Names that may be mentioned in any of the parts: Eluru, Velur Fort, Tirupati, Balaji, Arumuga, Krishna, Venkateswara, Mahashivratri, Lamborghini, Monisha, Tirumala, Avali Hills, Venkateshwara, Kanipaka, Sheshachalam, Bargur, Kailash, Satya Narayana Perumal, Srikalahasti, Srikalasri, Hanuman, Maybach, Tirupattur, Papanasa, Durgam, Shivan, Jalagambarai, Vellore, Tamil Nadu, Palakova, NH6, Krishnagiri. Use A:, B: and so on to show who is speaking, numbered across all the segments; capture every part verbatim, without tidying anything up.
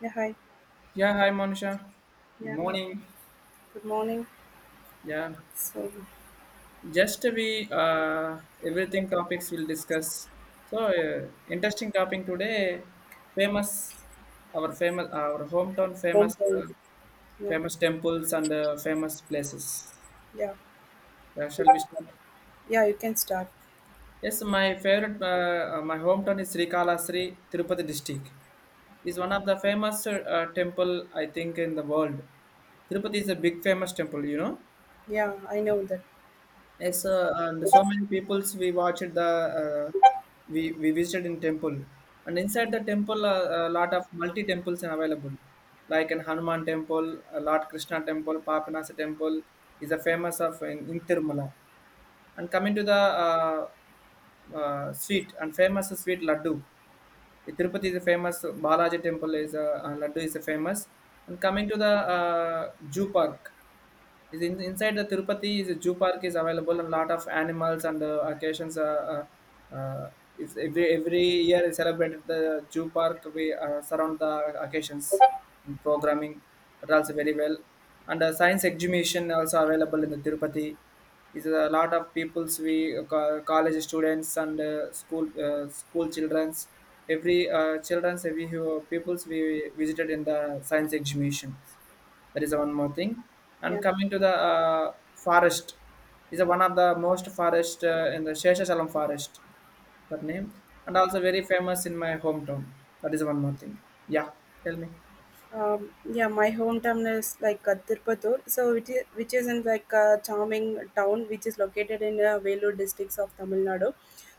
A: Yeah, hi.
B: Yeah, hi Monisha. Good
A: Yeah, hi.
B: morning.
A: Good morning.
B: Yeah,
A: So,
B: just we uh, everything topics we'll discuss. So uh, interesting topic today. Famous, our famous, our hometown famous,
A: home call.
B: uh,
A: Yeah,
B: famous temples and uh, famous places.
A: yeah,
B: Uh, shall we start?
A: yeah, you can start.
B: Yes, my favorite, uh, uh, my hometown is Srikalasri, Tirupati district. Is one of the famous uh, uh, temple I think in the world. Tirupati is a big famous temple, you know.
A: Yeah, I know that.
B: Yes, uh, and so many peoples we watched the uh, we we visited in temple, and inside the temple uh, a lot of multi temples are available, like in Hanuman temple, uh, Lord Krishna temple, Papanasa temple is a famous of in, in Tirumala, and coming to the uh, uh, sweet and famous sweet laddu. The Tirupati is a famous Balaji temple is a, and laddu is a famous, and coming to the uh, Jew park is in, inside the Tirupati is a zoo park is available and lot of animals and uh, occasions. Uh, uh, uh, if every every year is celebrated the zoo park we uh, surround the occasions in programming that also very well and uh, science exhibition also available in the Tirupati is a lot of people's we uh, co- college students and uh, school uh, school childrens every uh, childrens every who- people's we visited in the science exhibitions. That is one more thing. And
A: Yeah,
B: coming to the uh, forest is one of the most forest uh, in the Sheshachalam forest. That name and also very famous in my hometown. That is one more thing. Yeah, tell me.
A: um, yeah, my hometown is like uh, Tirupattur, so it is, which is in like a charming town which is located in uh, Vellore districts of Tamil Nadu.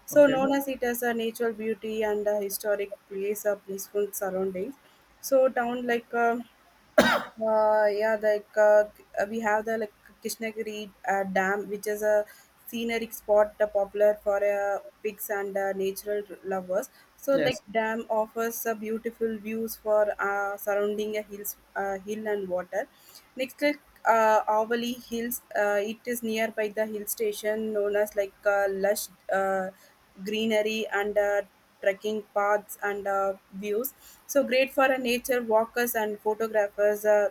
A: So,
B: Okay.
A: known as it as a natural beauty and a historic place, a peaceful surroundings. So, town like uh, Uh, yeah, like uh, we have the like Krishnagiri uh, Dam, which is a scenic spot uh, popular for uh, pigs and uh, natural lovers. So, like
B: Yes.
A: dam offers uh, beautiful views for uh, surrounding a hills, uh, hill and water. Next, like uh, Avali Hills, uh, it is nearby the hill station known as like uh, lush uh, greenery and uh, trekking paths and uh, views so great for uh, nature walkers and photographers uh,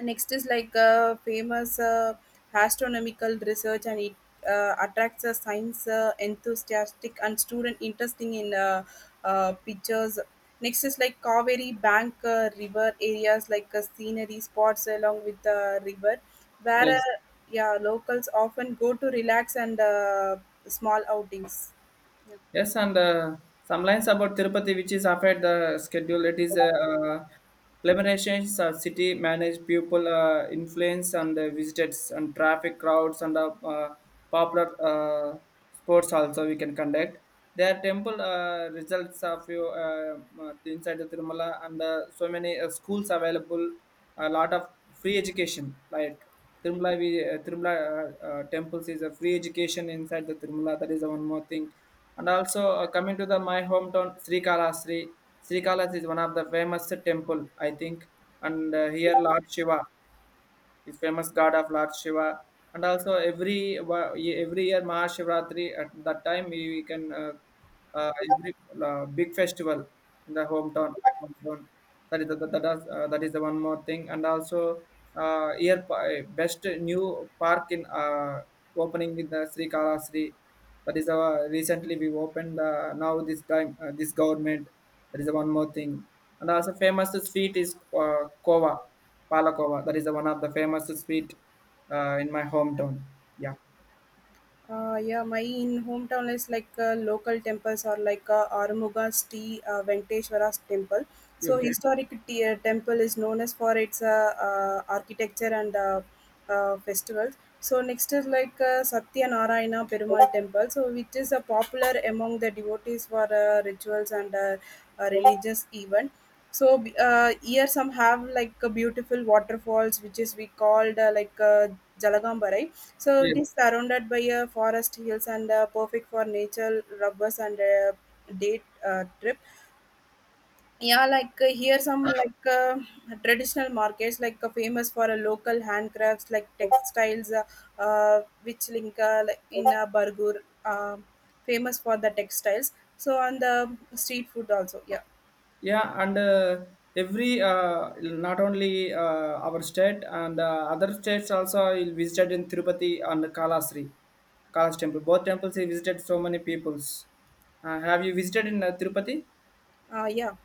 A: Next is like uh, famous uh, astronomical research and it uh, attracts uh, science uh, enthusiastic and student interesting in uh, uh, pictures. Next is like Kaveri bank uh, river areas like uh, scenery spots along with the river where
B: Yes.
A: uh, yeah locals often go to relax and uh, small outings, yeah.
B: Yes, and uh, some lines about Tirupati, which is after the schedule. It is a uh, limitations of city managed people uh, influence and uh, visitors and traffic crowds and uh, uh, popular uh, sports also we can conduct. Their temple uh, results of you uh, uh, inside the Tirumala and uh, so many uh, schools available. A lot of free education like Tirumala, we, uh, Tirumala uh, uh, temples is a free education inside the Tirumala. That is one more thing and also uh, coming to the my hometown Sri Sri Srikalasri is one of the famous temple I think, and uh, here Lord Shiva. Is famous god of Lord Shiva. And also every wa- every year Mahashivratri at that time we, we can uh, uh, every uh, big festival in the hometown. My hometown. That is the, that, that, is, uh, that is the one more thing. And also uh, year pa- best new park in uh, opening in the Sri Kalasri. That is our recently we opened uh, now this time uh, this government. That is one more thing. And also famous sweet is uh, kova. Palakova, that is the one of the famous sweet uh, in my hometown. Yeah.
A: Uh, yeah, my in hometown is like uh, local temples are like uh, Arumuga's T uh, Venkateswara's temple. So
B: Okay.
A: historic t- uh, temple is known as for its uh, uh, architecture and uh, uh, festivals. So next is like uh, Satya Narayana Perumal temple, so which is uh, popular among the devotees for uh, rituals and uh, uh, religious event so b- uh, Here some have like a beautiful waterfalls which is we called uh, like uh, Jalagambarai. So it
B: Yes.
A: is surrounded by uh, forest hills and uh, perfect for nature rubbers and uh, date uh, trip. Yeah, like uh, here some like uh, traditional markets like uh, famous for uh, local handcrafts like textiles uh, uh, which link uh, like in uh, Bargur uh, famous for the textiles. So on the street food also. Yeah.
B: Yeah, and uh, every uh, not only uh, our state and uh, other states also I visited in Tirupati and Kalasri, Kailash temple. Both temples I visited so many peoples. Uh, have you visited in uh, Tirupati?
A: Uh, yeah.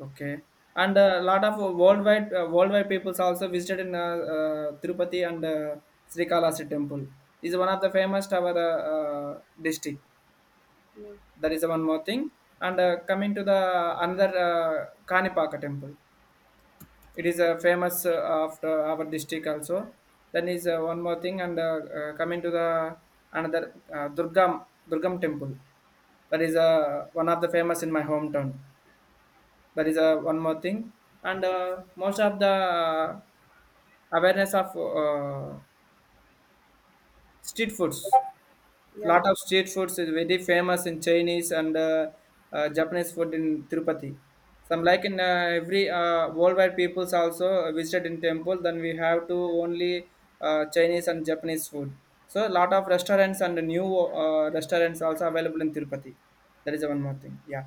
B: Okay. And a lot of uh, worldwide uh, worldwide peoples also visited in uh, uh, Tirupati and uh, Srikalahasti temple. Is one of the famous to our uh, uh, district.
A: Mm.
B: That is one more thing. And uh, coming to the another uh, Kanipaka temple. It is a famous uh, after our district also. Then is uh, one more thing and uh, uh, coming to the another uh, Durgam Durgam temple. That is uh, one of the famous in my hometown. That is uh, one more thing and uh, most of the uh, awareness of uh, street foods.
A: Yeah.
B: Lot of street foods is very famous in chinese and uh, uh, japanese food in tirupati, some like in uh, every uh, worldwide peoples also visited in temple then we have to only uh, chinese and japanese food, so lot of restaurants and new uh, restaurants also available in tirupati. That is one more thing. Yeah.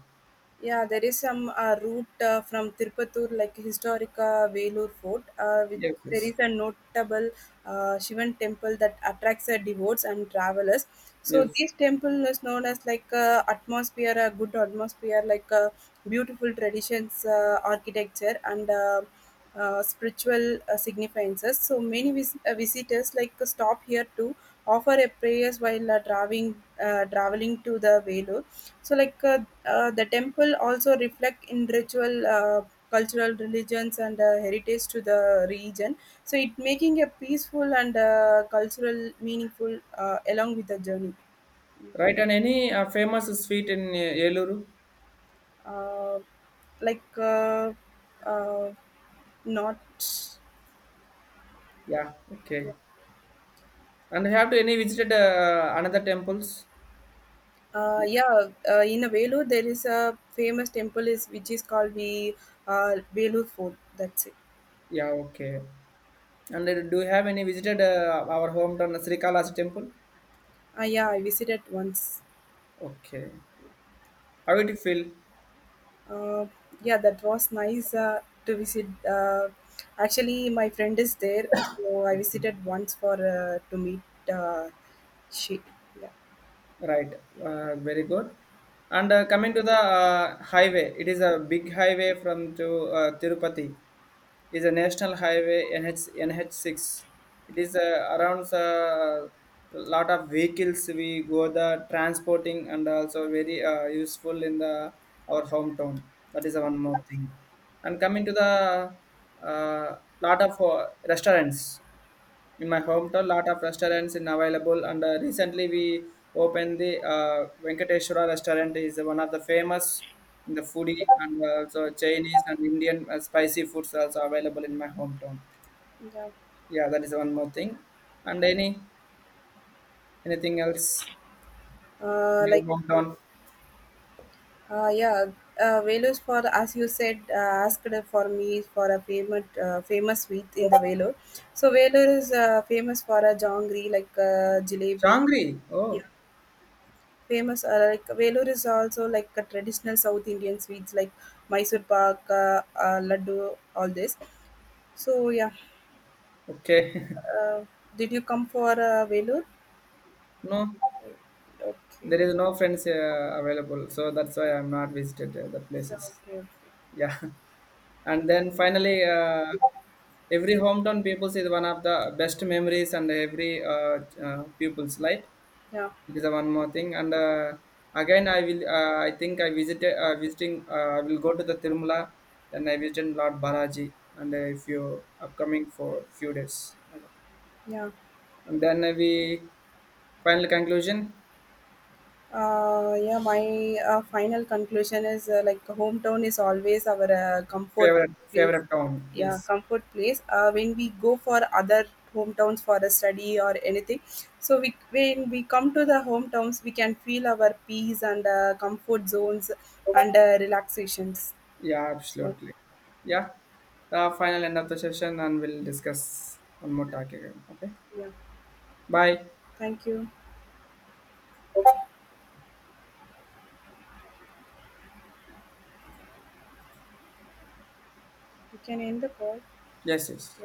A: Yeah, there is some uh, route uh, from Tirupattur, like historic uh, Velur Fort. Uh, with,
B: Yes,
A: there
B: yes,
A: is a notable uh, Shivan temple that attracts uh, devotes and travelers. So
B: yes.
A: this temple is known as like uh, atmosphere, a good atmosphere, like uh, beautiful traditions, uh, architecture, and uh, uh, spiritual uh, significances. So many vis- uh, visitors like uh, stop here to offer a prayers while uh, traveling, uh, traveling to the Velur. So like uh, uh, the temple also reflect in ritual, uh, cultural religions and uh, heritage to the region. So it making a peaceful and uh, cultural meaningful uh, along with the journey.
B: Right, and any uh, famous street in uh, Eluru?
A: Uh, like uh, uh, not.
B: Yeah, okay. And have you any visited uh, another temples?
A: Uh, yeah, uh, in a Velu there is a famous temple is which is called the uh, Velu Fort. That's it.
B: Yeah, okay. And uh, do you have any visited uh, our hometown Sri Kailas temple?
A: Uh, yeah, I visited once.
B: Okay. How did you feel?
A: Uh, yeah, that was nice uh, to visit. Uh, actually, my friend is there, so I visited once for uh, to meet. Uh, she, yeah,
B: Right, uh, very good. And uh, coming to the uh, highway, it is a big highway from to uh, Tirupati. Is a national highway NH N H six. It is uh, around a lot of vehicles we go the transporting and also very uh, useful in the our hometown. That is one more thing. And coming to the uh, lot of uh, restaurants. In my hometown, lot of restaurants in available, and uh, recently we opened the uh, Venkateshwara restaurant. Is one of the famous in the foodie, and uh, also Chinese and Indian uh, spicy foods also available in my hometown.
A: yeah.
B: Yeah, that is one more thing. And any anything else in
A: Uh,
B: your
A: like,
B: hometown?
A: uh, yeah. Uh, Vellore for as you said uh, asked for me for a famous uh, famous sweet in the Vellore. So Vellore is uh, famous for a jongri like uh, jalebi.
B: Changri. Oh,
A: Yeah. Famous uh, like Velur is also like a traditional South Indian sweets like Mysore pak, uh, uh, laddu, all this. So yeah,
B: okay.
A: uh, did you come for uh, Velur?
B: No,
A: Okay,
B: there is no friends uh, available, so that's why I'm not visited uh, the
A: so
B: places.
A: okay, okay.
B: Yeah. And then finally uh, every hometown peoples is one of the best memories and every uh, uh, people's life.
A: Yeah,
B: It is the one more thing and uh, again i will uh, I think I visited uh, visiting uh, I will go to the tirumala, then I visited lord balaji and uh, if you upcoming for few days
A: yeah.
B: and then we final conclusion.
A: Uh, yeah, my uh, final conclusion is uh, like hometown is always our uh, comfort
B: Favorite
A: place.
B: favorite town,
A: Yeah,
B: yes.
A: comfort place. Uh, when we go for other hometowns for a study or anything, so we when we come to the hometowns, we can feel our peace and uh, comfort zones and uh, relaxations.
B: Yeah,
A: So
B: absolutely. Yeah, the final end of the session, and we'll discuss one more talk again. Okay,
A: yeah,
B: bye.
A: thank you. You can end the call.
B: Yes, yes.